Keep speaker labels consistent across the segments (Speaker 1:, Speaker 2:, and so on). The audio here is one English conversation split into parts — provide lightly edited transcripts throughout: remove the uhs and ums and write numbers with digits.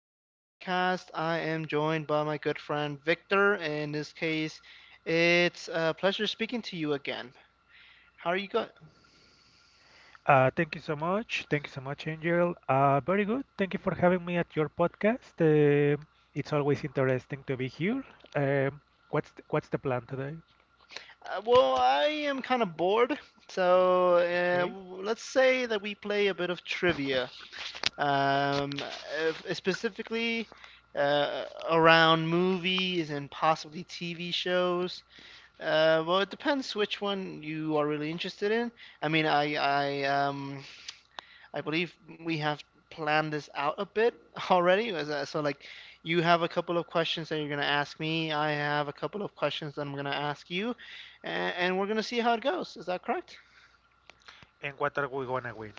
Speaker 1: today's podcast. I am joined by my good friend Victor. In this case, it's a pleasure speaking to you again. How are you going?
Speaker 2: Thank you so much. Thank you so much, Angel. Very good. Thank you for having me at your podcast. It's always interesting to be here. Um, what's the plan today?
Speaker 1: Well, I am kind of bored, so
Speaker 2: Okay.
Speaker 1: let's say that we play a bit of trivia. Um, if, specifically uh, around movies and possibly TV shows. Well, it depends which one you are really interested in. I mean, I I believe we have planned this out a bit already. So, like, you have a couple of questions that you're going to ask me. I have a couple of questions that I'm going to ask you. And we're going to see how it goes. Is that correct?
Speaker 2: And what are we gonna win?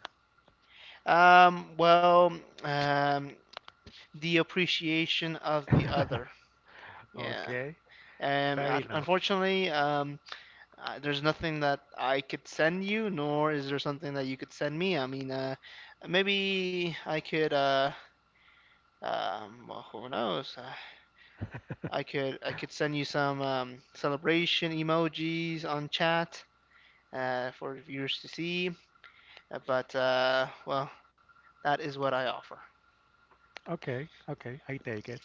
Speaker 1: Well, um, the appreciation of the other. Yeah.
Speaker 2: Okay, fair enough.
Speaker 1: Unfortunately, there's nothing that I could send you, nor is there something that you could send me. I mean, maybe I could, well, who knows? I could send you some celebration emojis on chat, for viewers to see. But well, that is what I offer.
Speaker 2: Okay, okay, I take it.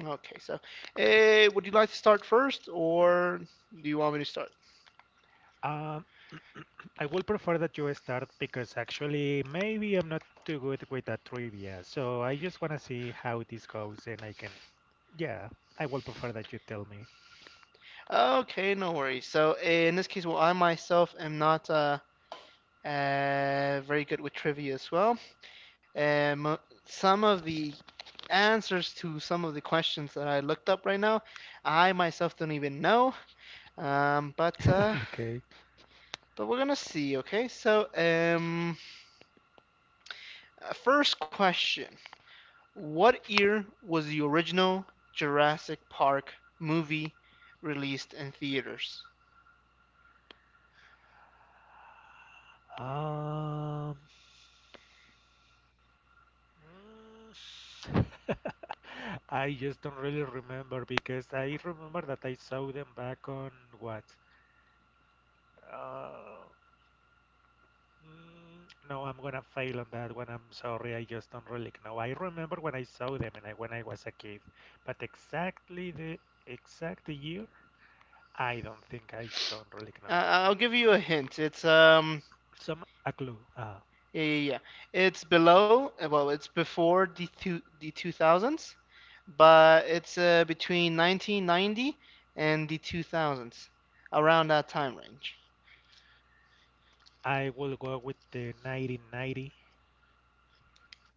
Speaker 1: Okay, so would you like to start first, or do you want me to start?
Speaker 2: Um, I will prefer that you start because actually maybe I'm not too good with that trivia, so I just wanna see how this goes and I can. Yeah, I will prefer that you tell me.
Speaker 1: Okay, no worries. So in this case, well, I myself am not very good with trivia as well. Um, some of the answers to some of the questions that I looked up right now, I myself don't even know. Um, but uh,
Speaker 2: Okay.
Speaker 1: But we're gonna see, okay? So, first question: what year was the original Jurassic Park movie released in theaters?
Speaker 2: Um, mm, I just don't really remember because I remember that I saw them back on what? Uh, no, I'm gonna fail on that one. I'm sorry. I just don't really know. I remember when I saw them and when I was a kid, but exactly the exact year, I don't really know.
Speaker 1: I'll give you a hint. It's
Speaker 2: Some a clue.
Speaker 1: Yeah, yeah, yeah. It's below. Well, it's before the two thousands, but it's between 1990 and the two thousands, around that time range.
Speaker 2: I will go with the 1990.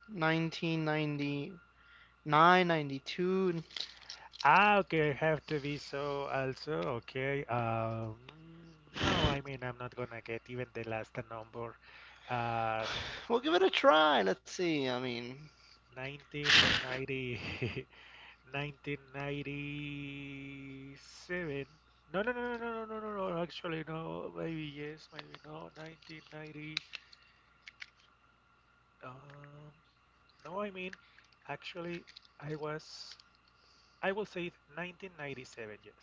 Speaker 1: 1999, 92.
Speaker 2: Ah, okay, I have to be so also, okay. No, I mean, I'm not gonna get even the last number. Uh, n-
Speaker 1: We'll give it a try. Let's see. I mean,
Speaker 2: 1990, 1997. No, no, no, no, no, no, no, no, no, actually, no, maybe yes, maybe no, 1990. Um, no, I mean, actually, I was, I will say it 1997, yes.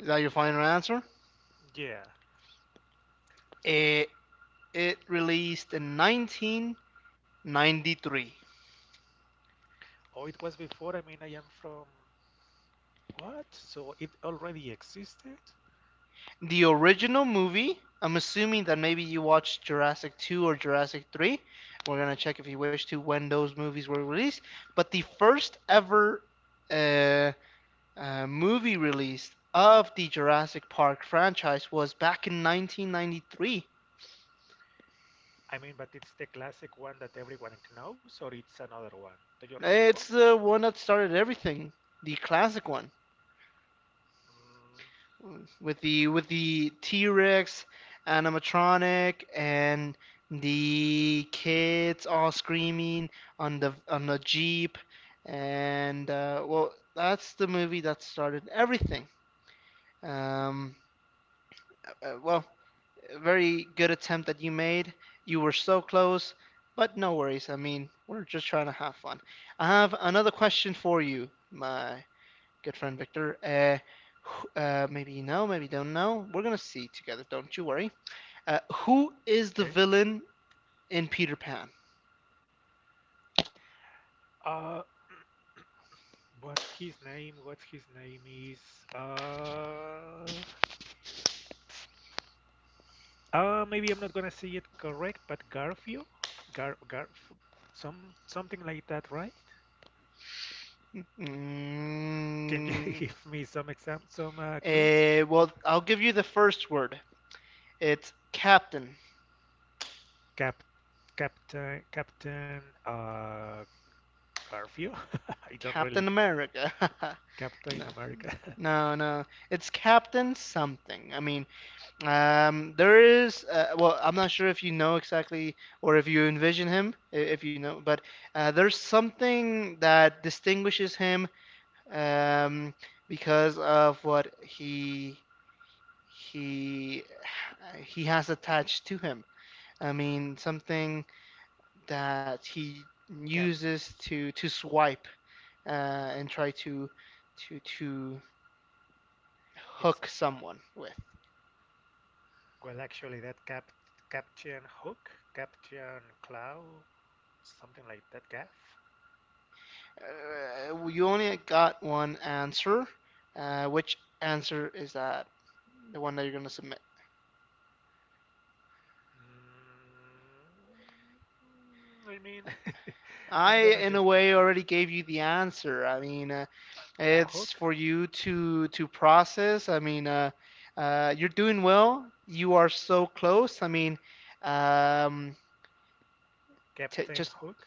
Speaker 1: is that your final answer?
Speaker 2: Yeah.
Speaker 1: It, it released in 1993.
Speaker 2: Oh, it was before. I mean, I am from what? So it already existed?
Speaker 1: The original movie, I'm assuming that maybe you watched Jurassic 2 or Jurassic 3. We're going to check if you wish to when those movies were released. But the first ever uh, movie released of the Jurassic Park franchise was back in 1993.
Speaker 2: I mean, but it's the classic one that everyone knows, or it's another one? Do you remember?
Speaker 1: It's the one that started everything, the classic one.
Speaker 2: Mm,
Speaker 1: With the T-Rex animatronic and the kids all screaming on the jeep. And well, that's the movie that started everything. um, well, very good attempt that you made. You were so close, but no worries. I mean, we're just trying to have fun. I have another question for you, my good friend Victor. Maybe you know, maybe you don't know. We're gonna see together. Don't you worry. Who is the
Speaker 2: okay.
Speaker 1: villain in Peter Pan?
Speaker 2: Uh, what's his name? What's his name is? Uh, Maybe I'm not gonna say it correct, but Garfield, Gar, some something like that, right? Can you
Speaker 1: Mm,
Speaker 2: give me some exam, some clues?
Speaker 1: well, I'll give you the first word. It's Captain.
Speaker 2: Cap, Captain, Garfield. I don't really
Speaker 1: Captain
Speaker 2: know.
Speaker 1: America.
Speaker 2: Captain
Speaker 1: No,
Speaker 2: America.
Speaker 1: no, no. It's Captain something. I mean, there is. Well, I'm not sure if you know exactly or if you envision him, if you know, but there's something that distinguishes him, um, because of what he he has attached to him. I mean, something that he
Speaker 2: Cap,
Speaker 1: uses to swipe, uh, and try to
Speaker 2: it's
Speaker 1: hook someone with.
Speaker 2: well actually that Cap, Captain Hook, Captain Clow, something like that. Gaff.
Speaker 1: You only got one answer. Which answer is that? The one that you're gonna submit.
Speaker 2: Mm, I mean,
Speaker 1: I,
Speaker 2: I'm gonna
Speaker 1: in a
Speaker 2: just
Speaker 1: way, already gave you the answer. I mean,
Speaker 2: a
Speaker 1: it's
Speaker 2: Hook,
Speaker 1: for you to process. I mean, you're doing well. You are so close. I mean, um, t
Speaker 2: Captain
Speaker 1: just
Speaker 2: Hook.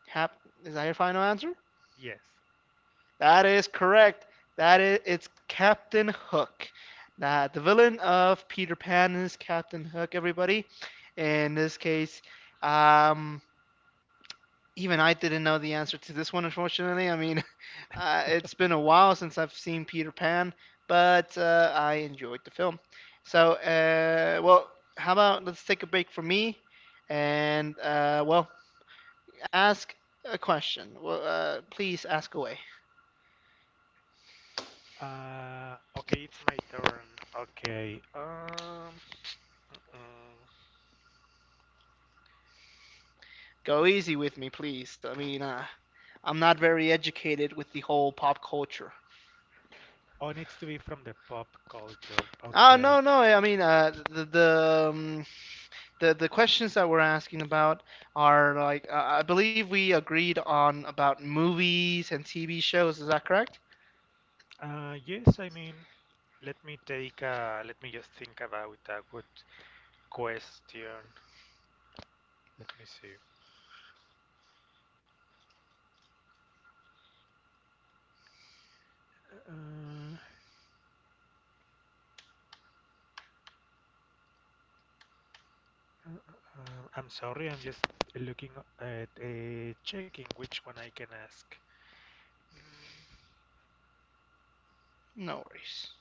Speaker 1: have. Is that your final answer?
Speaker 2: Yes.
Speaker 1: That is correct. That is, it's Captain Hook. That the villain of Peter Pan is Captain Hook, everybody. In this case, um, even I didn't know the answer to this one, unfortunately. I mean, it's been a while since I've seen Peter Pan, but I enjoyed the film. So, well, how about let's take a break for me and, well, ask a question. Well, please ask away.
Speaker 2: Okay, it's my turn. Okay. Mm-mm.
Speaker 1: Go easy with me, please. I mean, I'm not very educated with the whole pop culture.
Speaker 2: Oh, it needs to be from the pop culture.
Speaker 1: Oh,
Speaker 2: Okay.
Speaker 1: no, no. I mean, the questions that we're asking about are like, I believe we agreed on about movies and TV shows. Is that correct?
Speaker 2: Yes, I mean, let me take. Let me just think about a good question. Let me see. Uh, uh, uh, I'm sorry, I'm just looking at checking which one I can ask. Mm,
Speaker 1: No worries.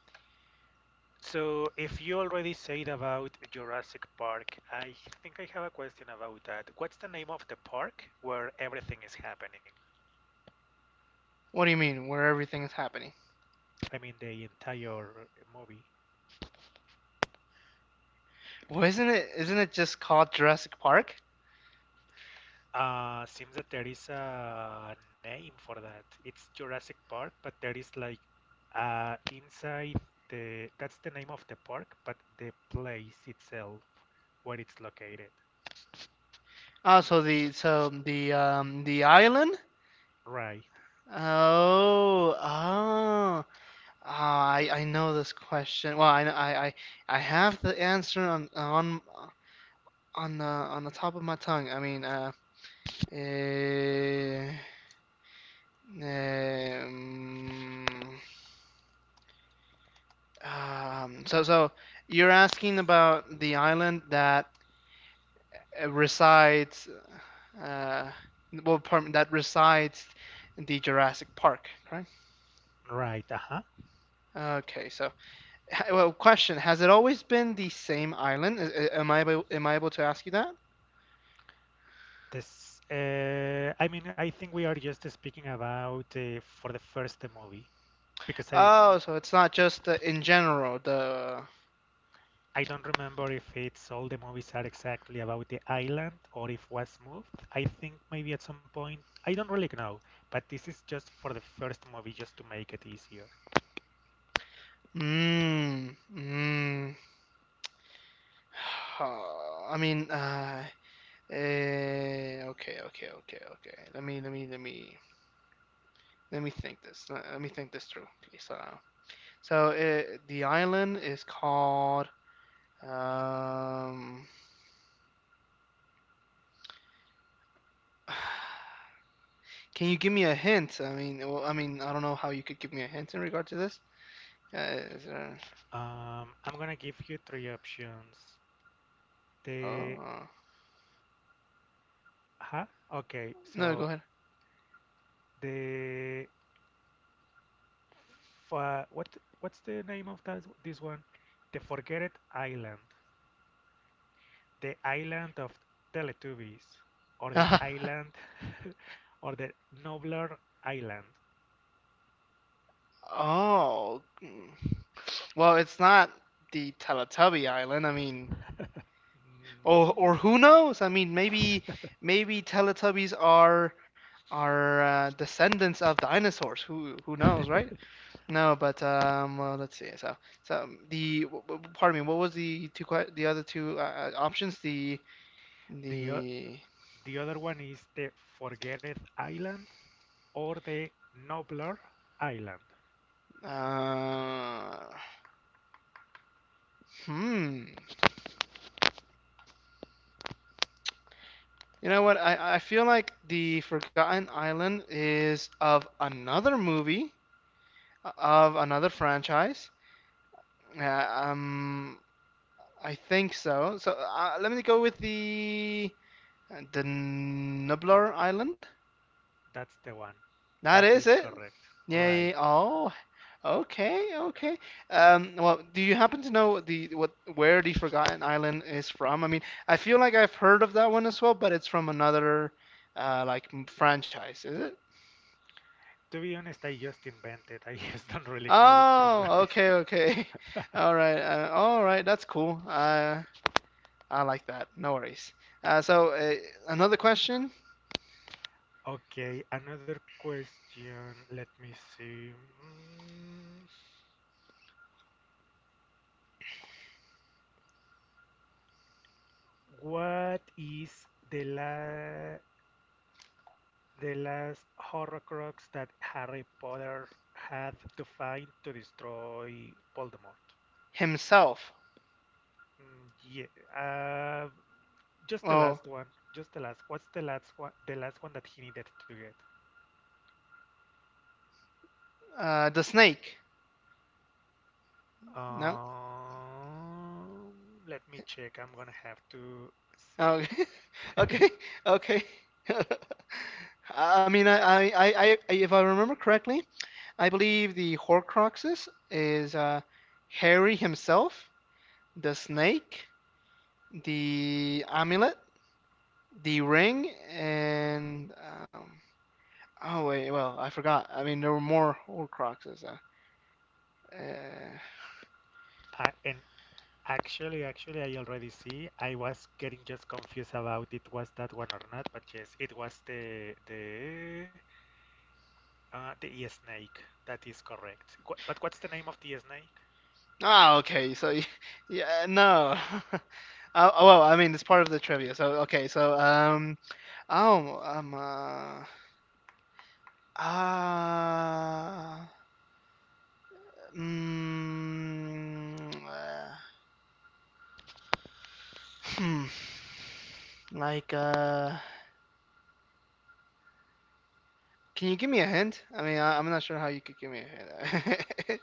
Speaker 2: So, if you already said about Jurassic Park, I have a question about that. What's the name of the park where everything is happening?
Speaker 1: What do you mean where everything is happening?
Speaker 2: I mean, the entire movie.
Speaker 1: Well, isn't it just called Jurassic Park?
Speaker 2: Seems that there is a name for that. It's Jurassic Park, but there is like, uh, inside that's the name of the park, but the place itself where it's located.
Speaker 1: Oh, so the island?
Speaker 2: Right,
Speaker 1: Oh, oh. Oh, I know this question. Well, I have the answer on the top of my tongue. I mean, eh, Um, so you're asking about the island that resides, uh, well, that resides in the Jurassic Park, right?
Speaker 2: right, uh-huh.
Speaker 1: Okay, so, well, question: has it always been the same island? Am I able to ask you that?
Speaker 2: This, I mean, I think we are just speaking about for the first movie because
Speaker 1: Oh, so it's not just in general the.
Speaker 2: I don't remember if it's all the movies are exactly about the island or if was moved. I think maybe at some point I don't really know, but this is just for the first movie just to make it easier.
Speaker 1: Mm, mm. I mean, Uh, okay, okay, okay, okay. Let me think this. Let me think this through, please. So the island is called. Um, can you give me a hint? I mean, well, I mean, I don't know how you could give me a hint in regard to this. Uh, is there,
Speaker 2: I'm gonna give you three options.
Speaker 1: oh,
Speaker 2: The huh? Okay,
Speaker 1: no, go
Speaker 2: so the fa- what's the name of that this one? The Forgotten Island, the island of Teletubbies, or the
Speaker 1: ahead.
Speaker 2: island, or the Nobler Island.
Speaker 1: Oh, mm. Well, it's not the Teletubby Island. I mean. Or
Speaker 2: Mm.
Speaker 1: who knows? I mean, maybe Teletubbies are descendants of dinosaurs. Who knows, right? No, but well, let's see. So, pardon me. What was the other two options?
Speaker 2: The o-
Speaker 1: The
Speaker 2: the other one is the Forgotten Island or the Nobler Island.
Speaker 1: uh, hmm. You know what? I feel like the Forgotten Island is of another movie, of another franchise. Yeah, I think so. So let me go with the Nublar Island.
Speaker 2: That's the one.
Speaker 1: That
Speaker 2: That
Speaker 1: is
Speaker 2: is
Speaker 1: it.
Speaker 2: correct.
Speaker 1: Yeah,
Speaker 2: Right.
Speaker 1: yeah. Yeah. Oh, okay, okay. Well, do you happen to know the what where the Forgotten Island is from? I mean, I feel like I've heard of that one as well, but it's from another, like franchise, is it?
Speaker 2: To be honest, I just invented. I just don't really know from where
Speaker 1: Oh,
Speaker 2: it.
Speaker 1: okay, okay. All right, all right. That's cool. I like that. No worries. So another question.
Speaker 2: Okay, another question. Let me see. Mm, What is the la the last Horcrux that Harry Potter had to find to destroy Voldemort?
Speaker 1: Himself.
Speaker 2: Mm, yeah. Uh, just the
Speaker 1: Oh,
Speaker 2: last one. Just the last. What's the last one? The last one that he needed to get?
Speaker 1: the snake. No.
Speaker 2: Um, Let me check. I'm gonna have to see.
Speaker 1: Oh, okay. Okay. I I mean, if I remember correctly, I believe the Horcruxes is, Harry himself, the snake, the amulet, the ring, and, oh wait, well, I forgot. I mean, there were more Horcruxes. Uh,
Speaker 2: And actually, I already see. I was getting just confused about it was that one or not, but yes, it was the snake. That is correct. What, but what's the name of the snake?
Speaker 1: Ah, okay. So, yeah, no. Oh, well, I mean, it's part of the trivia. So, okay. So, oh, ah, mm, uh, hmm. Like, can you give me a hint? I mean, I'm not sure how you could give me a hint.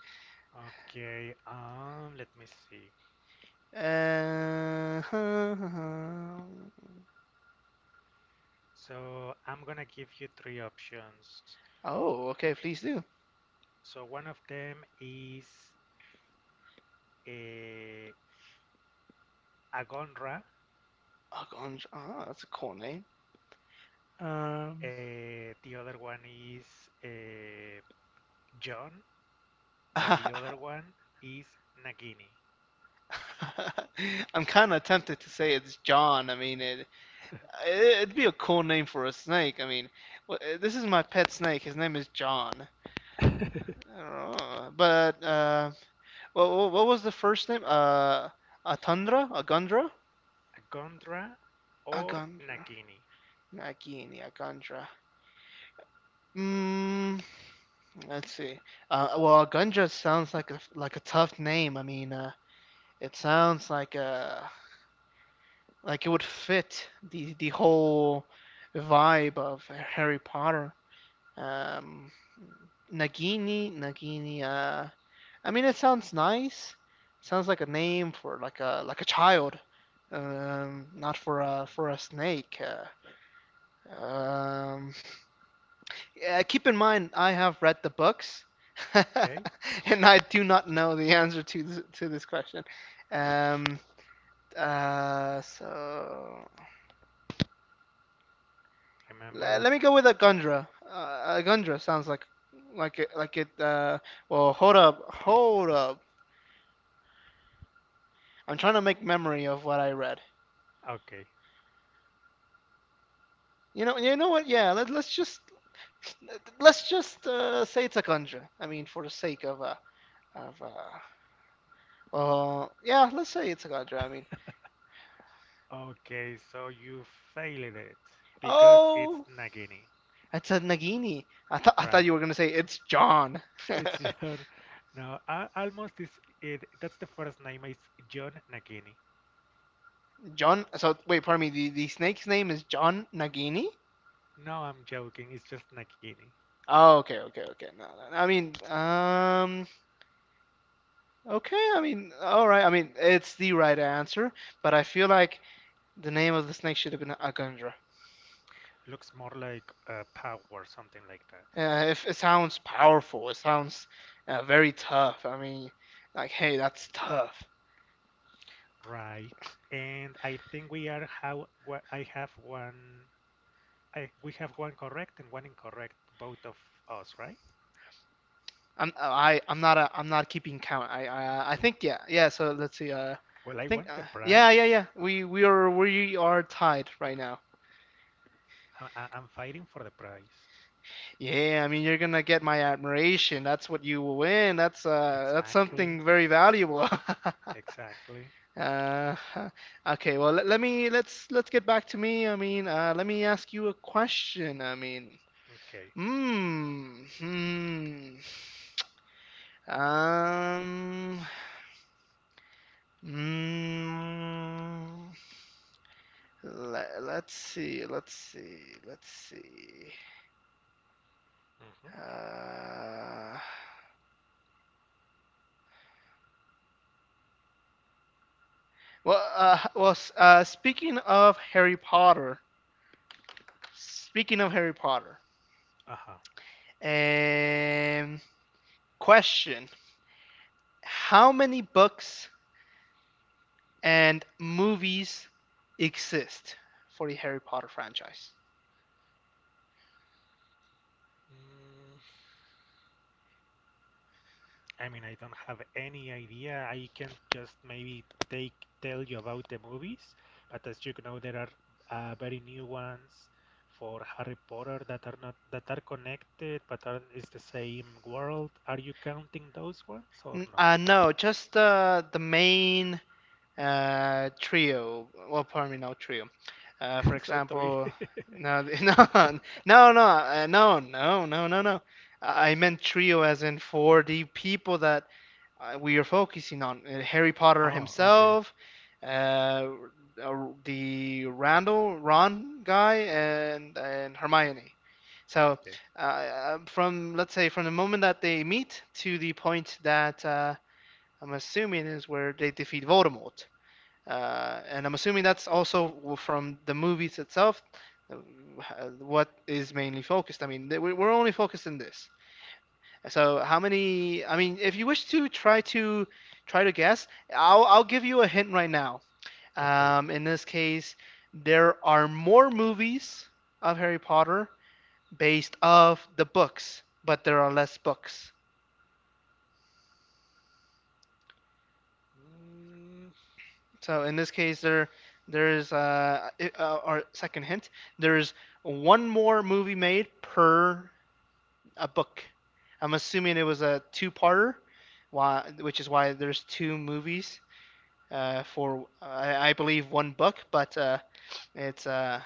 Speaker 2: Okay. Let me see.
Speaker 1: uh,
Speaker 2: So I'm gonna give you three options.
Speaker 1: oh, okay. Please do.
Speaker 2: So one of them is a Agonra.
Speaker 1: Argonj. Ah, that's a cool name. Um.
Speaker 2: The other one is uh, John, and the other one is Nagini.
Speaker 1: I'm kind of tempted to say it's John. I mean, it'd be a cool name for a snake. I mean, this is my pet snake. His name is John. I don't know. But what was the first name? Atundra? Agundra?
Speaker 2: Agondra or
Speaker 1: Agundra.
Speaker 2: Nagini.
Speaker 1: Nagini Agundra. Mm, let's see. Well, Agundra sounds like a tough name. I mean, it sounds like it would fit the whole vibe of Harry Potter. Um, Nagini. I mean, it sounds nice. Sounds like a name for a child, not for a
Speaker 2: Mhm.
Speaker 1: for a snake. Um, yeah, keep in mind, I have read the books,
Speaker 2: Okay,
Speaker 1: and I do not know the answer to this question. Um, so
Speaker 2: remember
Speaker 1: Let
Speaker 2: that.
Speaker 1: me go with a Gundra. A Gundra sounds like it like it. Well, hold up, hold up. I'm trying to make memory of what I read.
Speaker 2: Okay,
Speaker 1: You know what? Yeah, let's just say it's a Gundra. I mean, for the sake of of uh, yeah, let's say it's a Gundra. I mean,
Speaker 2: okay, so you failed it because it's
Speaker 1: oh,
Speaker 2: Nagini,
Speaker 1: it's a Nagini. I thought
Speaker 2: right?
Speaker 1: you were gonna say it's John.
Speaker 2: It's John. No, I, almost is it. That's the first name. It's John Nagini.
Speaker 1: John. So wait, pardon me. The snake's name is John Nagini.
Speaker 2: No, I'm joking. It's just Nagini.
Speaker 1: Oh, okay, okay, okay. No, no, no. I mean, okay. I mean, all right. I mean, it's the right answer, but I feel like the name of the snake should have been Agundra.
Speaker 2: Looks more like power, something like that.
Speaker 1: If it sounds powerful, it sounds very tough. I mean, like, hey, that's tough.
Speaker 2: Right. And I think we are how wha- I have one I we have one correct and one incorrect, both of us, right?
Speaker 1: I'm not keeping count. I think, yeah, yeah. So let's see.
Speaker 2: Well,
Speaker 1: I
Speaker 2: I
Speaker 1: think,
Speaker 2: want the
Speaker 1: yeah, yeah,
Speaker 2: prize.
Speaker 1: yeah. We are tied right now.
Speaker 2: I'm fighting for the prize.
Speaker 1: Yeah, I mean you're gonna get my admiration. That's what you will win. That's
Speaker 2: Exactly.
Speaker 1: something very valuable.
Speaker 2: Exactly.
Speaker 1: Uh, okay, let's get back to me. I mean, let me ask you a question. I mean,
Speaker 2: Okay.
Speaker 1: mm, hmm, um, mm, let's see, let's see.
Speaker 2: Mm-hmm.
Speaker 1: Uh, speaking of Harry Potter. Speaking of Harry Potter,
Speaker 2: Uh-huh.
Speaker 1: um, question: How many books and movies exist for the Harry Potter franchise?
Speaker 2: Mm, I mean, I don't have any idea. I can just maybe take tell you about the movies, but as you know, there are very new ones for Harry Potter that are not that are connected, but are is the same world. Are you counting those ones or no?
Speaker 1: No, just the main trio. Well, pardon me, no trio. For
Speaker 2: So three.
Speaker 1: example, no, no, no. I meant trio as in for the people that we are focusing on, Harry Potter
Speaker 2: Ah, okay.
Speaker 1: himself, uh, the Randall Ron guy, and Hermione. So,
Speaker 2: Okay.
Speaker 1: from, let's say, from the moment that they meet to the point that, I'm assuming, is where they defeat Voldemort, and I'm assuming that's also from the movies itself. uh, What is mainly focused? I mean, we're only focused in this. So how many? I mean, if you wish to try to guess, I'll give you a hint right now.
Speaker 2: Okay.
Speaker 1: In this case, there are more movies of Harry Potter based off the books, but there are less books.
Speaker 2: Mm,
Speaker 1: So in this case, our second hint. There's one more movie made per a book. I'm assuming it was a two-parter, which is why there's two movies for I believe one book, but it's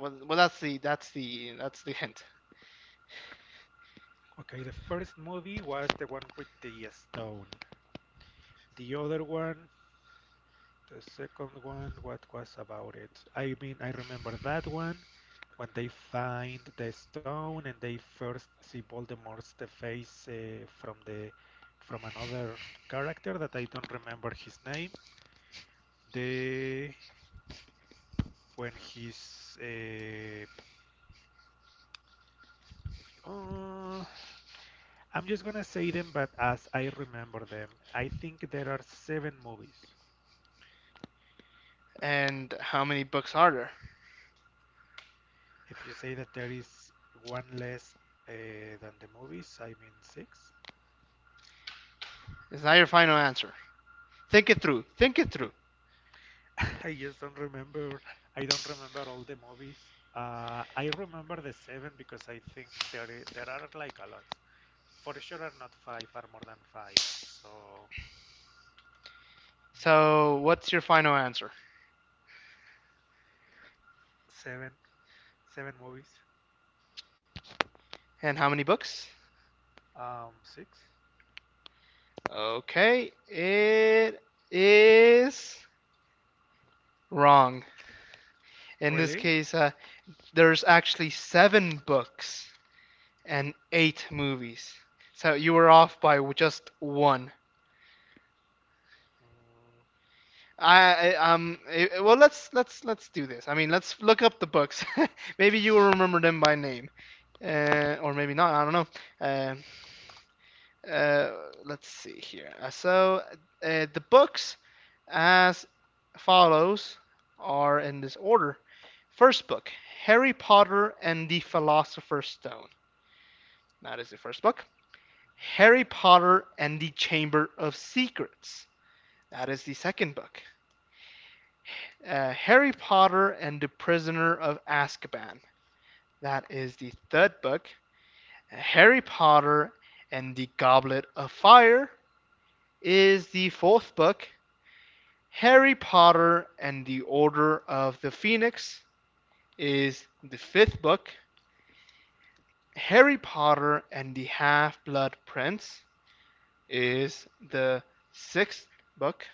Speaker 1: well, well that's the that's the that's the hint.
Speaker 2: okay, the first movie was the one with the stone. The other one, the second one, what was about it? I mean, I remember that one when they find the stone and they first see Voldemort's the face from the from another character that I don't remember his name. The when he's uh, I'm just gonna say them, but as I remember them, I think there are seven movies.
Speaker 1: And how many books are there?
Speaker 2: If you say that there is one less uh, than the movies, I mean six.
Speaker 1: Is that your final answer? Think it through. Think it through.
Speaker 2: I just don't remember. I don't remember all the movies. I remember the seven because I think there are like a lot. For sure, are not five, are more than five. So
Speaker 1: So what's
Speaker 2: mm,
Speaker 1: your final answer?
Speaker 2: seven, seven movies.
Speaker 1: And how many books?
Speaker 2: Six.
Speaker 1: Okay, it is wrong. In this
Speaker 2: Really?
Speaker 1: case, there's actually seven books and eight movies. So you were off by just one.
Speaker 2: Mm,
Speaker 1: Well, let's do this. I mean, let's look up the books. Maybe you will remember them by name. Or maybe not, I don't know. Uh, uh, let's see here. So the books as follows are in this order. First book, Harry Potter and the Philosopher's Stone. That is the first book. Harry Potter and the Chamber of Secrets. That is the second book. Harry Potter and the Prisoner of Azkaban. That is the third book. Harry Potter and the Goblet of Fire is the fourth book. Harry Potter and the Order of the Phoenix is the fifth book. Harry Potter and the Half Blood Prince is the sixth book.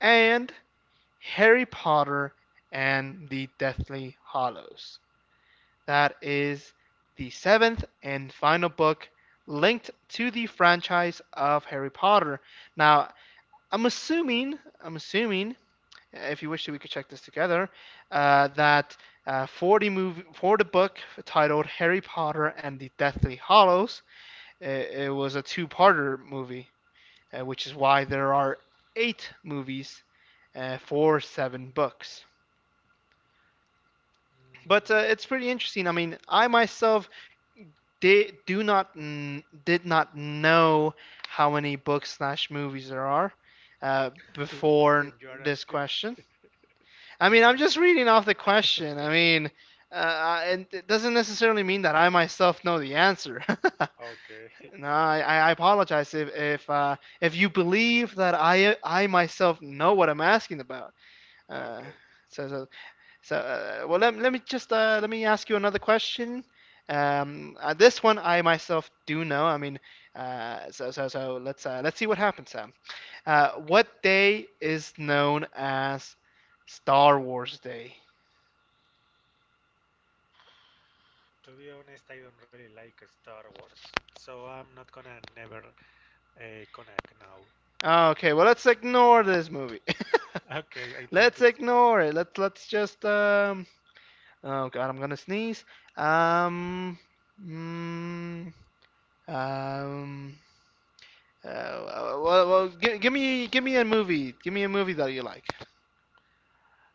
Speaker 1: And Harry Potter and the Deathly Hallows. That is the seventh and final book linked to the franchise of Harry Potter. Now, I'm assuming, if you wish, we could check this together, that for the movie, for the book titled Harry Potter and the Deathly Hallows, it was a two-parter movie, which is why there are eight movies for seven books.
Speaker 2: mm.
Speaker 1: But it's pretty interesting. I mean, I myself they do not n- did not know how many books slash movies there are
Speaker 2: And
Speaker 1: before
Speaker 2: you are
Speaker 1: this
Speaker 2: asking me?
Speaker 1: question. I mean, I'm
Speaker 2: Okay,
Speaker 1: just reading off the question. I mean, and it doesn't necessarily mean that I myself know the answer.
Speaker 2: okay,
Speaker 1: No, I apologize if if you believe that I myself know what I'm asking about. Uh,
Speaker 2: okay.
Speaker 1: so, so so, let me just let me ask you another question.
Speaker 2: Uh-huh,
Speaker 1: This one I myself do know. I mean, let's, let's see what happens, Sam.
Speaker 2: okay.
Speaker 1: What day is known as Star Wars Day?
Speaker 2: To be honest, I don't really like Star Wars, so I'm not gonna never connect now.
Speaker 1: Okay, well, let's ignore this movie.
Speaker 2: Okay, I think
Speaker 1: Let's
Speaker 2: it's Brack.
Speaker 1: ignore it. Let's just Oh God, I'm gonna sneeze. Um. Mm, um. Well, give me a movie. Give me a movie that you like.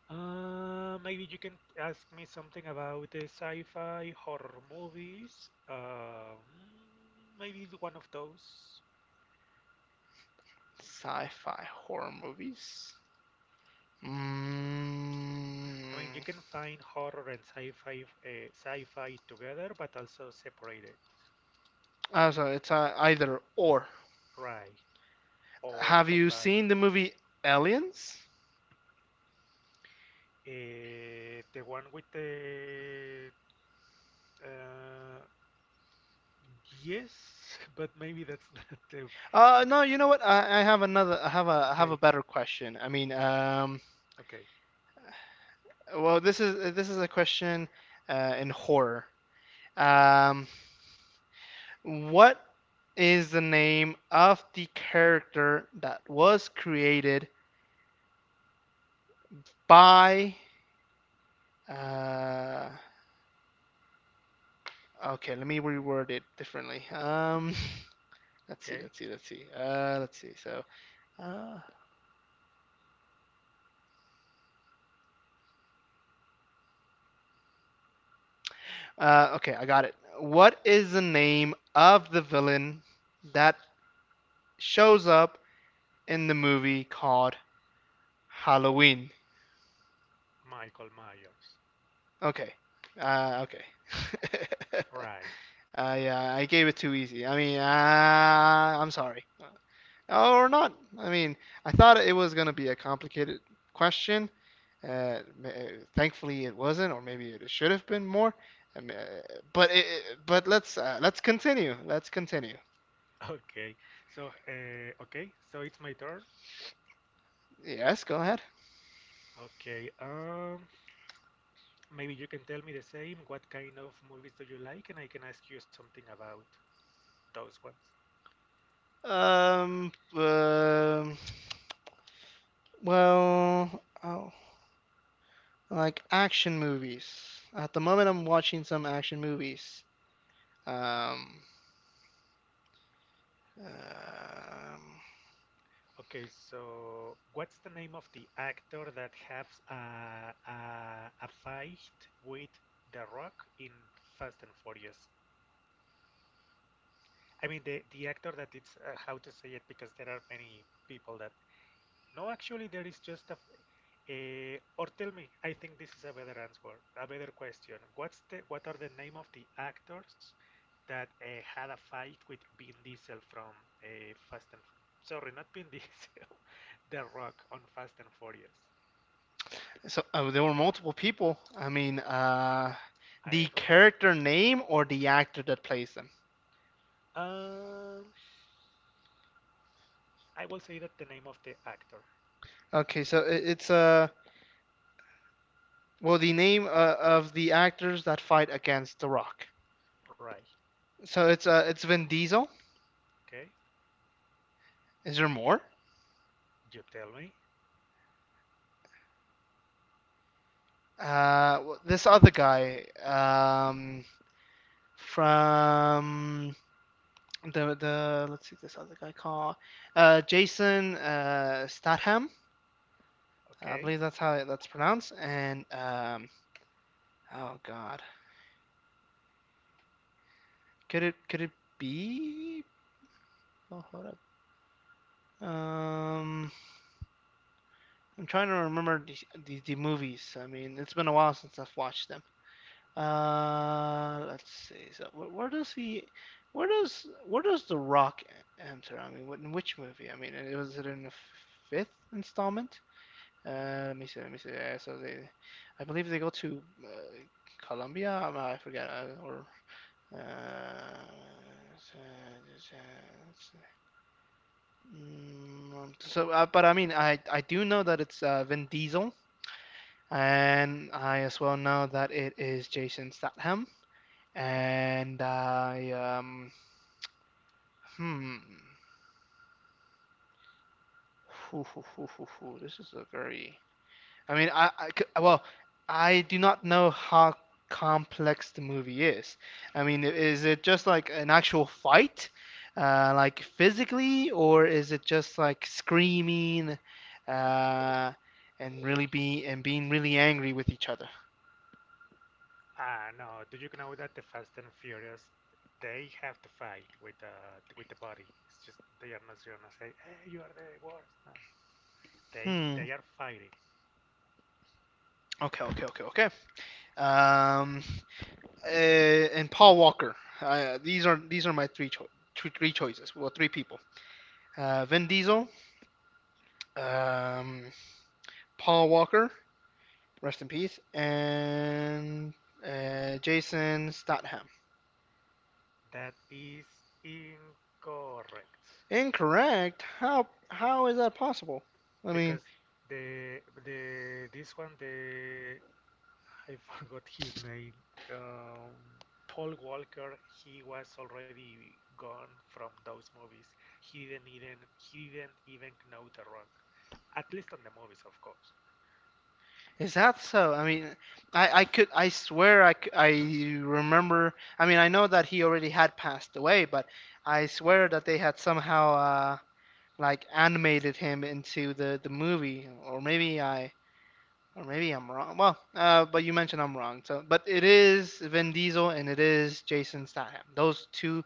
Speaker 2: Maybe you can ask me something about the sci-fi horror movies. Maybe it's one of those.
Speaker 1: Sci-fi horror movies.
Speaker 2: I mean, you
Speaker 1: Mm,
Speaker 2: can find horror and sci-fi sci-fi together, but also separated,
Speaker 1: I Sorry, it's either or.
Speaker 2: right? Or
Speaker 1: Have you
Speaker 2: combined.
Speaker 1: seen the movie Aliens?
Speaker 2: The one with the uh, yes, but maybe that's not the
Speaker 1: No, you know what? I have another. I have
Speaker 2: okay.
Speaker 1: a better question. I mean,
Speaker 2: Okay,
Speaker 1: well, this is a question in horror. Um, what is the name of the character that was created by Uh, okay, let me reword it differently.
Speaker 2: okay.
Speaker 1: Let's see. Uh, okay, I got it. What is the name of the villain that shows up in the movie called Halloween?
Speaker 2: Michael Myers,
Speaker 1: Okay. Okay.
Speaker 2: right?
Speaker 1: Yeah, I gave it too easy. I mean, I'm sorry. Or not. I mean, I thought it was gonna be a complicated question. Uh, ma- uh, Thankfully, it wasn't, or maybe it should have been more. Um, uh, but let's, let's continue. Let's continue.
Speaker 2: Okay. So, okay. So it's my turn.
Speaker 1: Yes, go ahead.
Speaker 2: Okay. Maybe you can tell me the same. What kind of movies do you like? And I can ask you something about those ones.
Speaker 1: Um, um well, oh, like action movies. At the moment, I'm watching some action movies. Um, um,
Speaker 2: Okay. So, what's the name of the actor that has a fight with The Rock in Fast and Furious? I mean, the actor that it's how to say it because there are many people that no, actually, there is just a. Or tell me, I think this is a better answer, a better question. What's the what are the name of the actors that had a fight with Vin Diesel from Fast and sorry, not Vin Diesel, The Rock on Fast and Furious.
Speaker 1: so, oh, there were multiple people. I mean,
Speaker 2: I
Speaker 1: the
Speaker 2: rem,
Speaker 1: character name or the actor that plays them.
Speaker 2: um, I will say that the name of the actor.
Speaker 1: Okay, so it, it's Well, the name of the actors that fight against The Rock.
Speaker 2: Right,
Speaker 1: So it's Vin Diesel.
Speaker 2: okay.
Speaker 1: Is there more?
Speaker 2: You tell me,
Speaker 1: This other guy, from the let's see, this other guy called Jason Statham. I
Speaker 2: okay.
Speaker 1: believe that's how that's pronounced. And oh God, could it be? Oh, hold up. Um, I'm trying to remember the movies. I mean, it's been a while since I've watched them. Let's see. So where does he? Where does the Rock enter? I mean, in which movie? I mean, was it in the fifth installment? Let me see. Let me see. I believe they go to Colombia. I forget. Uh, but I mean, I do know that it's Vin Diesel, and I as well know that it is Jason Statham. And I, hmm. Hoo, hoo, hoo, hoo, hoo. This is a very. I mean, I do not know how complex the movie is. I mean, is it just like an actual fight, like physically, or is it just like screaming, uh, and really be and being really angry with each other?
Speaker 2: Ah, no. Do you know that the Fast and Furious, they have to fight with the body. It's just they are not gonna say, "Hey, you are the worst." No, they
Speaker 1: Hmm.
Speaker 2: they are fighting.
Speaker 1: Okay. Um, and Paul Walker. These are my three choices. Well, three people. Vin Diesel, um, Paul Walker, rest in peace, and Jason Statham.
Speaker 2: That is incorrect
Speaker 1: Incorrect. How is that possible? I
Speaker 2: because
Speaker 1: mean,
Speaker 2: the this one the I forgot his name. Um, Paul Walker. He was already gone from those movies. He didn't even know The Rock. At least on the movies, of course.
Speaker 1: is that so? I mean, I swear I remember. I mean, I know that he already had passed away, but I swear that they had somehow like animated him into the movie, or maybe I'm wrong. Well, but you mentioned I'm wrong. So, but it is Vin Diesel and it is Jason Statham. Those two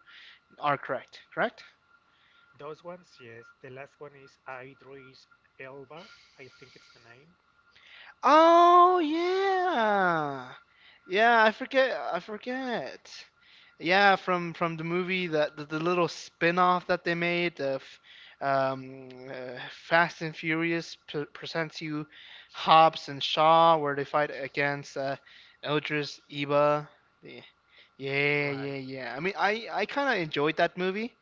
Speaker 1: are correct. Correct.
Speaker 2: Those ones, yes. The last one is Idris Elba, I think it's the name.
Speaker 1: Oh yeah, yeah. I forget. I forget. Yeah, from the movie that the little spin-off that they made of Fast and Furious p presents you Hobbs and Shaw, where they fight against Idris Elba. The- Yeah,
Speaker 2: Right.
Speaker 1: yeah, yeah. I mean, I kind of enjoyed that movie.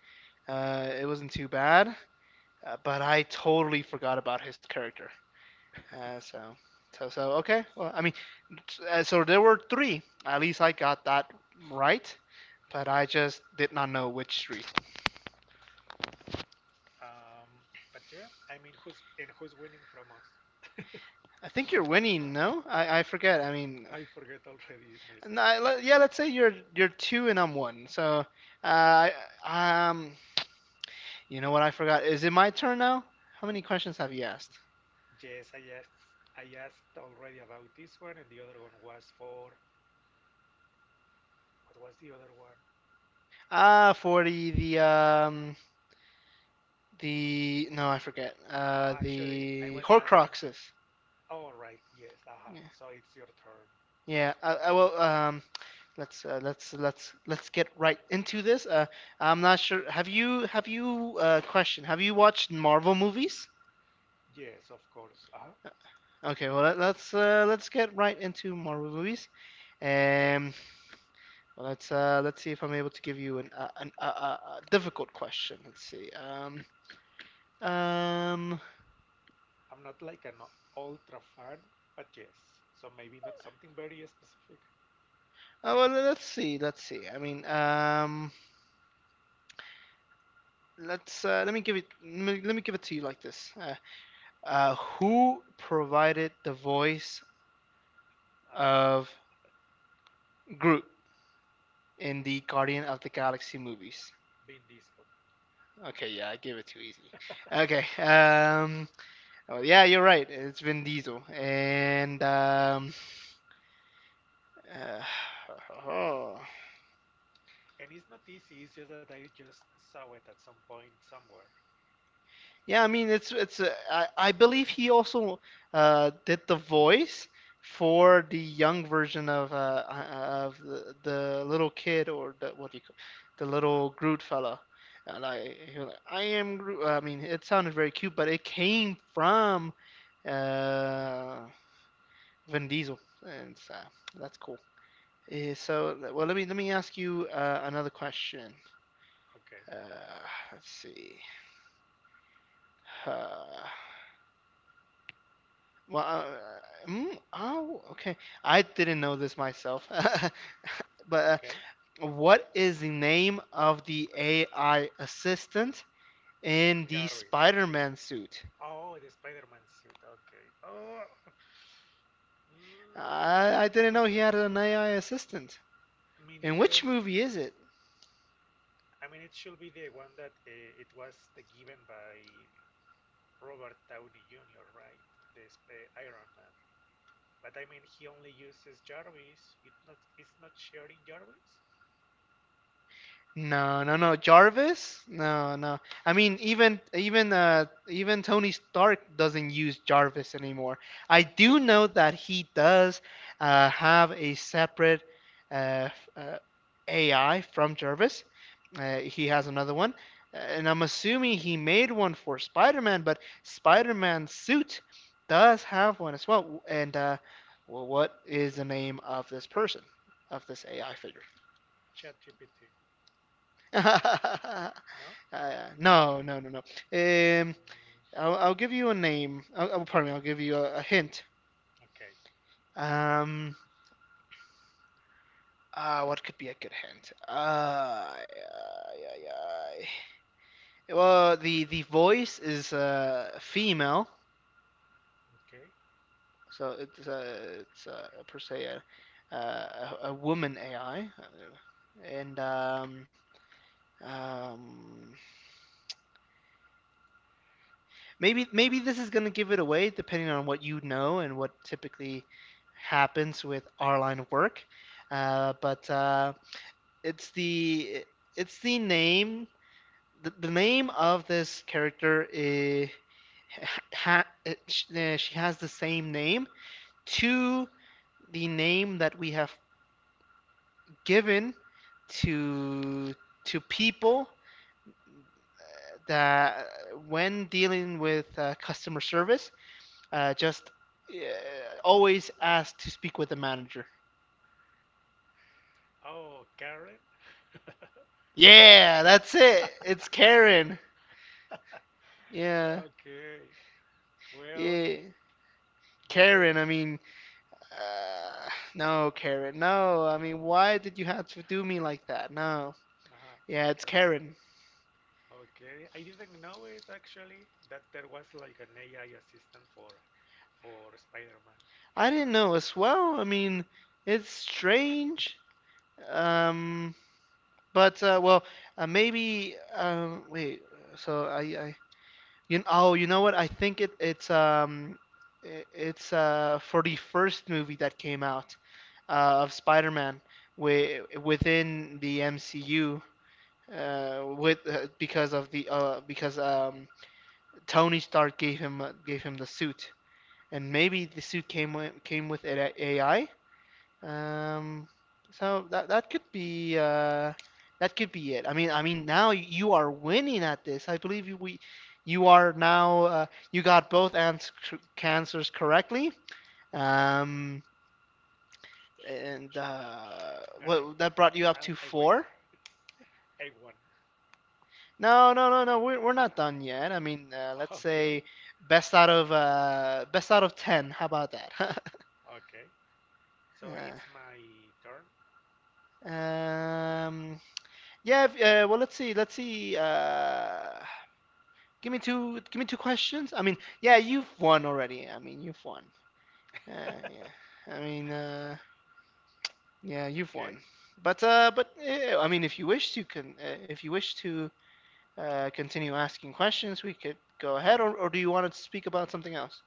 Speaker 1: It wasn't too bad, but I totally forgot about his character. Uh, so, okay. Well, I mean, so there were three. At least I got that right, but I just did not know which three.
Speaker 2: Um, but yeah, I mean, who's and who's winning from us?
Speaker 1: I think you're winning. No, I forget. I mean,
Speaker 2: I forget already myself.
Speaker 1: no, yeah. Let's say you're two and I'm one. So, uh, I- um, you know what? I forgot. Is it my turn now? How many
Speaker 2: Y-
Speaker 1: questions have you asked?
Speaker 2: yes, I asked already about this one, and the other one was for what was the other one?
Speaker 1: Ah, for the no, I forget.
Speaker 2: No, actually, I
Speaker 1: The
Speaker 2: was asking.
Speaker 1: Horcruxes.
Speaker 2: All right, yes, aha.
Speaker 1: Yeah.
Speaker 2: So it's your turn.
Speaker 1: Yeah, I will. Let's, let's get right into this. I'm not sure. Have you question? Have you watched Marvel movies?
Speaker 2: Yes, of course. Uh huh.
Speaker 1: Okay, let's, let's get right into Marvel movies. Um, well, let's, let's see if I'm able to give you an, difficult question. Let's see. Um,
Speaker 2: I'm not like an ultra fan, but yes. So maybe not something very specific.
Speaker 1: oh, well, let's see. Let's see. I mean, let's, let me give it to you like this. Who provided the voice
Speaker 2: Ah.
Speaker 1: of Groot in the Guardian of the Galaxy movies?
Speaker 2: Vin Diesel.
Speaker 1: Okay, yeah, I gave it too easy. Okay, oh, yeah, you're right. It's Vin Diesel, and uh,
Speaker 2: And it's not easy, it's just that I just saw it at some point somewhere.
Speaker 1: yeah, I mean, it's it's. I believe he also did the voice for the young version of the little kid, or the what do you call the little Groot fella. And I, he was like, I am Groot. I mean, it sounded very cute, but it came from uh, Vin Diesel, and so that's cool. Let me ask you another question.
Speaker 2: Okay,
Speaker 1: Uh, let's see. Uh, well, uh, oh, okay. I didn't know this myself, but
Speaker 2: okay.
Speaker 1: uh, what is the name of the AI assistant in the
Speaker 2: Jarvis.
Speaker 1: Spider-Man suit?
Speaker 2: Oh, the Spider Man suit. Okay. Oh.
Speaker 1: I
Speaker 2: Mm,
Speaker 1: didn't know
Speaker 2: it's
Speaker 1: he had an AI assistant.
Speaker 2: me
Speaker 1: In which
Speaker 2: neither.
Speaker 1: movie is it?
Speaker 2: I mean, it should be the one that it was the given by Robert Downey Jr., right? This Iron Man. But I mean, he only uses Jarvis. It's not. It's not sharing Jarvis.
Speaker 1: No, no, no. Jarvis? No, no. I mean, even Tony Stark doesn't use Jarvis anymore. I do know that he does have a separate uh, f- uh, AI from Jarvis. He has another one. And I'm assuming he made one for Spider-Man, but Spider-Man's suit does have one as well. What is the name of this person, of this AI figure?
Speaker 2: ChatGPT. No.
Speaker 1: No, no, no, no.
Speaker 2: Mm,
Speaker 1: I'll give you a name. Pardon me. I'll give you a hint.
Speaker 2: okay.
Speaker 1: Um, what could be a good hint? Ay, ay, ay, ay. Well, the voice is female,
Speaker 2: Okay.
Speaker 1: so it's per se a woman AI, and um, maybe this is going to give it away, depending on what you know and what typically happens with our line of work. But it's the name, the name of this character is, ha, it, she has the same name to the name that we have given to people that, when dealing with customer service, just always ask to speak with the manager.
Speaker 2: Oh, Karen?
Speaker 1: Yeah, that's it. It's Karen. Yeah,
Speaker 2: Okay. Well,
Speaker 1: yeah,
Speaker 2: what a.
Speaker 1: Karen. I mean, uh, no, Karen. No, I mean, why did you have to do me like that? No.
Speaker 2: Uh-huh.
Speaker 1: Yeah, it's
Speaker 2: Okay.
Speaker 1: Karen.
Speaker 2: Okay. I didn't know it actually that there was like an AI assistant for Spider-Man.
Speaker 1: I didn't know as well. I mean, it's strange. Um, but uh, well, Maybe. Wait. So I You know, oh, you know what? I think it's it's for the first movie that came out of Spider-Man wi within the MCU with because of the because Tony Stark gave him the suit, and maybe the suit came with a- AI, um, so that could be that could be it. Now you are winning at this. I believe you, we you are now, you got both ans cancers correctly. Um, and
Speaker 2: Gane.
Speaker 1: What, that brought you up to
Speaker 2: I win.
Speaker 1: four.
Speaker 2: I won.
Speaker 1: No, no, no, no. We're not done yet. I mean, let's
Speaker 2: Okay.
Speaker 1: say best out of ten. How about that?
Speaker 2: Okay. So it's my turn.
Speaker 1: Yeah. Yeah, if, well, let's see. Let's see. Give me two. Give me two questions. I mean, yeah, you've won already. I mean, you've won. Yeah. Yeah, you've won.
Speaker 2: Okay.
Speaker 1: But I mean, if you wish to if you wish to continue asking questions, we could go ahead. Or do you want to speak about something else?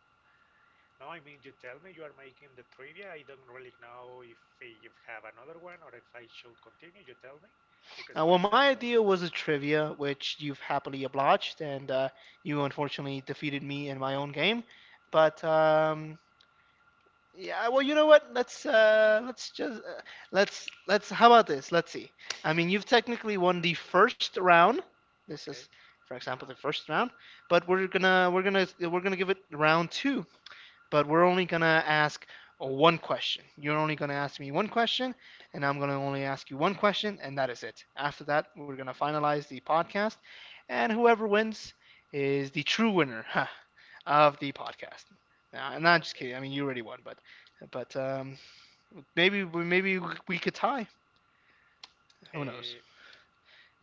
Speaker 2: No, I mean you tell me you are making the trivia. I don't really know if you have another one or if I should continue. You tell me because, for
Speaker 1: My
Speaker 2: example,
Speaker 1: idea was a trivia, which you've happily obliged, and you unfortunately defeated me in my own game. But Yeah, well, you know what? Let's just let's How about this? Let's see. I mean, you've technically won the first round. This
Speaker 2: okay.
Speaker 1: is, for example,
Speaker 2: Uh-huh.
Speaker 1: the first round, but we're gonna give it round two, but we're only gonna ask one question. You're only gonna
Speaker 2: Okay.
Speaker 1: ask me one question, and I'm gonna only ask you one question, and that is it. After that, we're gonna finalize the podcast, and whoever wins is the true winner, of the podcast. Nah, and not just
Speaker 2: Okay.
Speaker 1: kidding. I mean, you already won, but maybe we could tie. Who knows?
Speaker 2: Eh,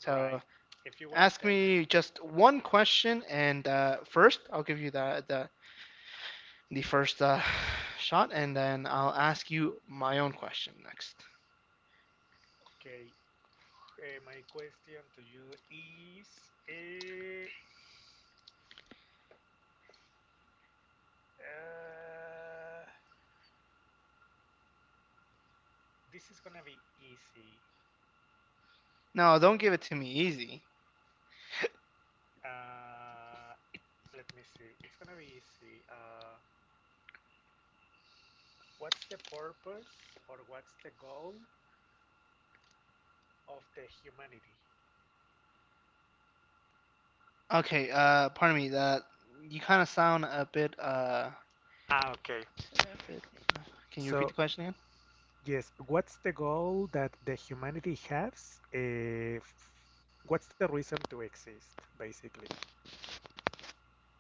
Speaker 1: So
Speaker 2: If you want to
Speaker 1: ask
Speaker 2: tell me,
Speaker 1: me just one question, and first I'll give you the first, shot, and then I'll ask you my own question next.
Speaker 2: okay, eh, my question to you is, eh, uh, this is gonna be easy.
Speaker 1: No, don't give it to me easy.
Speaker 2: Uh, Let me see. It's gonna be easy. What's the purpose or what's the goal of the humanity?
Speaker 1: Okay, pardon me. That you kind of sound a bit,
Speaker 2: Ah, okay.
Speaker 1: a bit. Can you repeat the
Speaker 2: So,
Speaker 1: question again?
Speaker 2: yes, what's the goal that the humanity has? What's the reason to exist, basically?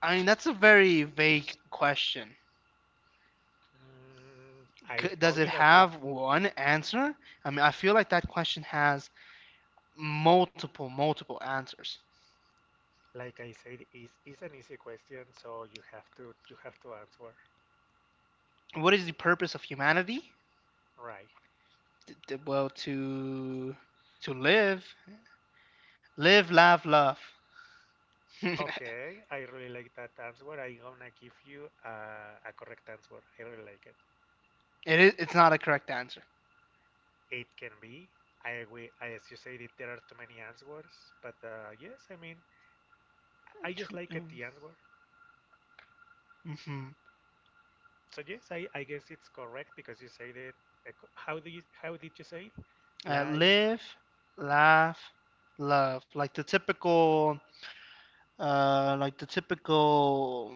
Speaker 1: I mean, that's a very vague question.
Speaker 2: I
Speaker 1: Does
Speaker 2: told
Speaker 1: it
Speaker 2: you that it,
Speaker 1: have one answer? I mean, I feel like that question has multiple answers.
Speaker 2: like I said, is an easy question, so you have to answer
Speaker 1: What is the purpose of humanity?
Speaker 2: right.
Speaker 1: Well, to live, live, laugh, love. It
Speaker 2: Okay, I really like that answer. I'm gonna give you a correct answer. I really like it.
Speaker 1: is. It's not a correct answer.
Speaker 2: It can be. I, agree. I as you said, it, there are too many answers, but yes, I mean, I just
Speaker 1: To
Speaker 2: like it, the answer.
Speaker 1: mhm.
Speaker 2: So yes, I guess it's correct because you said it. Eco- How do you, how did you say it? Life,
Speaker 1: Live, laugh, love. Like the typical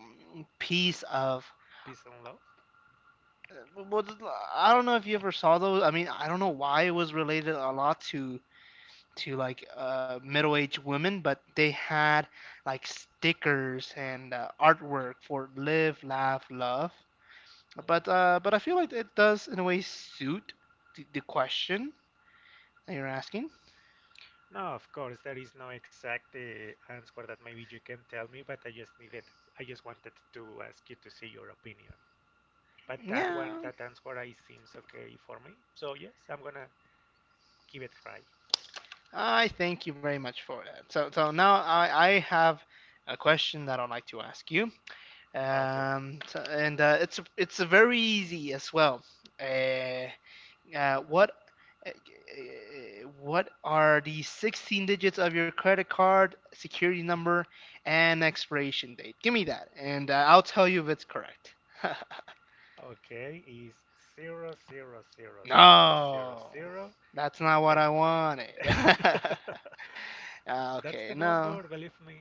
Speaker 1: piece of.
Speaker 2: peace, and love.
Speaker 1: Well, I don't know if you ever saw those. I mean, I don't know why it was related a lot to like middle-aged women, but they had like stickers and artwork for live, laugh, love. But
Speaker 2: Mm.
Speaker 1: uh, but I feel like it does in a way suit the question that you're asking.
Speaker 2: No, of course, there is no exact answer that maybe you can tell me, but I just wanted to ask you to see your opinion. But that one,
Speaker 1: Yeah,
Speaker 2: that answer, I seems okay for me. So yes, I'm gonna give it a try.
Speaker 1: I thank you very much for that. So so now I have a question that I'd like to ask you.
Speaker 2: Okay,
Speaker 1: So- and It's very easy as well. Uh, uh, what uh, what are the 16 digits of your credit card security number and expiration date? Give me that, and I'll tell you if it's correct.
Speaker 2: okay, is zero zero zero zero zero
Speaker 1: No,
Speaker 2: zero,
Speaker 1: that's not what I wanted.
Speaker 2: and that's the
Speaker 1: Okay,
Speaker 2: number.
Speaker 1: no.
Speaker 2: Believe me.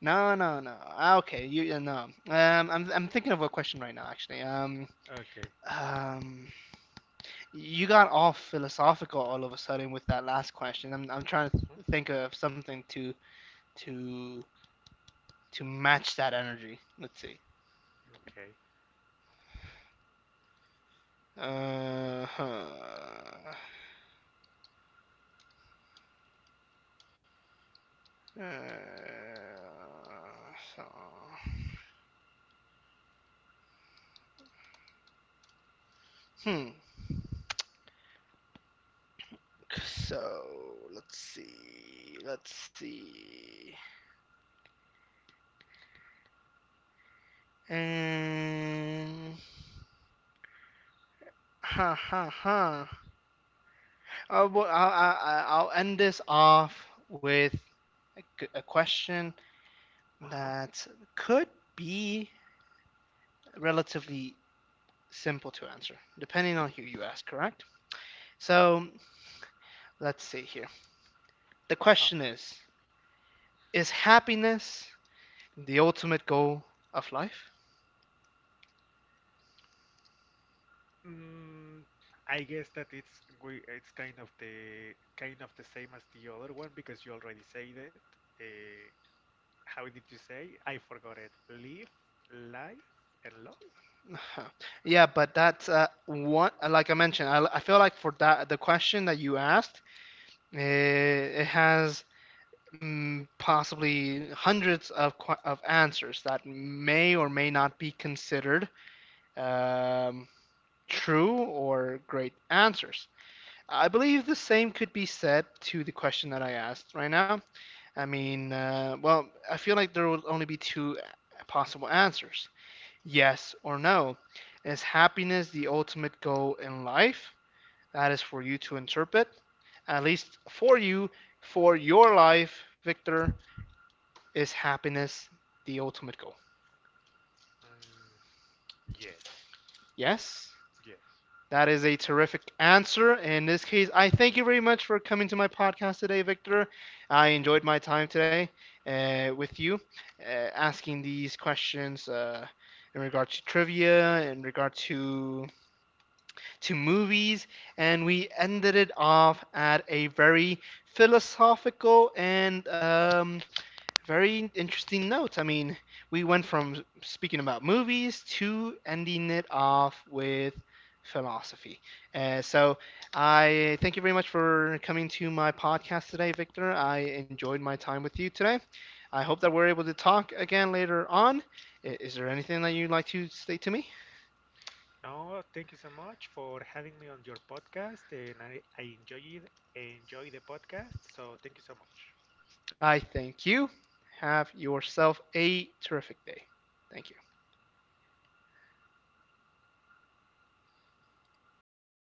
Speaker 1: No, no, no. Ah, okay, you no. I'm thinking of a question right now, actually.
Speaker 2: Okay.
Speaker 1: Um, You got all philosophical all of a sudden with that last question. I'm trying to
Speaker 2: Mhm,
Speaker 1: think of something to to to match that energy. Let's see.
Speaker 2: okay.
Speaker 1: Uh, huh. uh, so. Hmm. So let's see. Let's see. And ha ha ha. Oh, well, will end this off with a question
Speaker 2: Uh huh.
Speaker 1: that could be relatively simple to answer, depending on who you ask, correct? So let's see here. The
Speaker 2: Uh huh.
Speaker 1: question is happiness the ultimate goal of life?
Speaker 2: Mm, I guess that it's we it's kind of the same as the other one because you already said it. Uh, how did you say? I forgot it. Live, life, and love.
Speaker 1: Yeah, but that's one, like I mentioned, I feel like for that, the question that you asked, it has, possibly hundreds of answers that may or may not be considered um, true or great answers. I believe the same could be said to the question that I asked right now. I mean, I feel like there will only be two possible answers, yes or no. Is happiness the ultimate goal in life? That is for you to interpret. At least for you, for your life, Victor, is happiness the ultimate goal?
Speaker 2: Mm, yes,
Speaker 1: Yes,
Speaker 2: yes.
Speaker 1: that is a terrific answer. In this case, I thank you very much for coming to my podcast today, Victor. I enjoyed my time today with you, asking these questions in regard to trivia, in regard to movies, and we ended it off at a very philosophical and, very interesting notes. I mean, we went from speaking about movies to ending it off with philosophy. Uh, so, I thank you very much for coming to my podcast today, Victor. I enjoyed my time with you today. I hope that we're able to talk again later on. Is there anything that you'd like to say to me?
Speaker 2: No, thank you so much for having me on your podcast, and I enjoyed enjoy the podcast. So thank you so much.
Speaker 1: I thank you. Have yourself a terrific day. Thank you.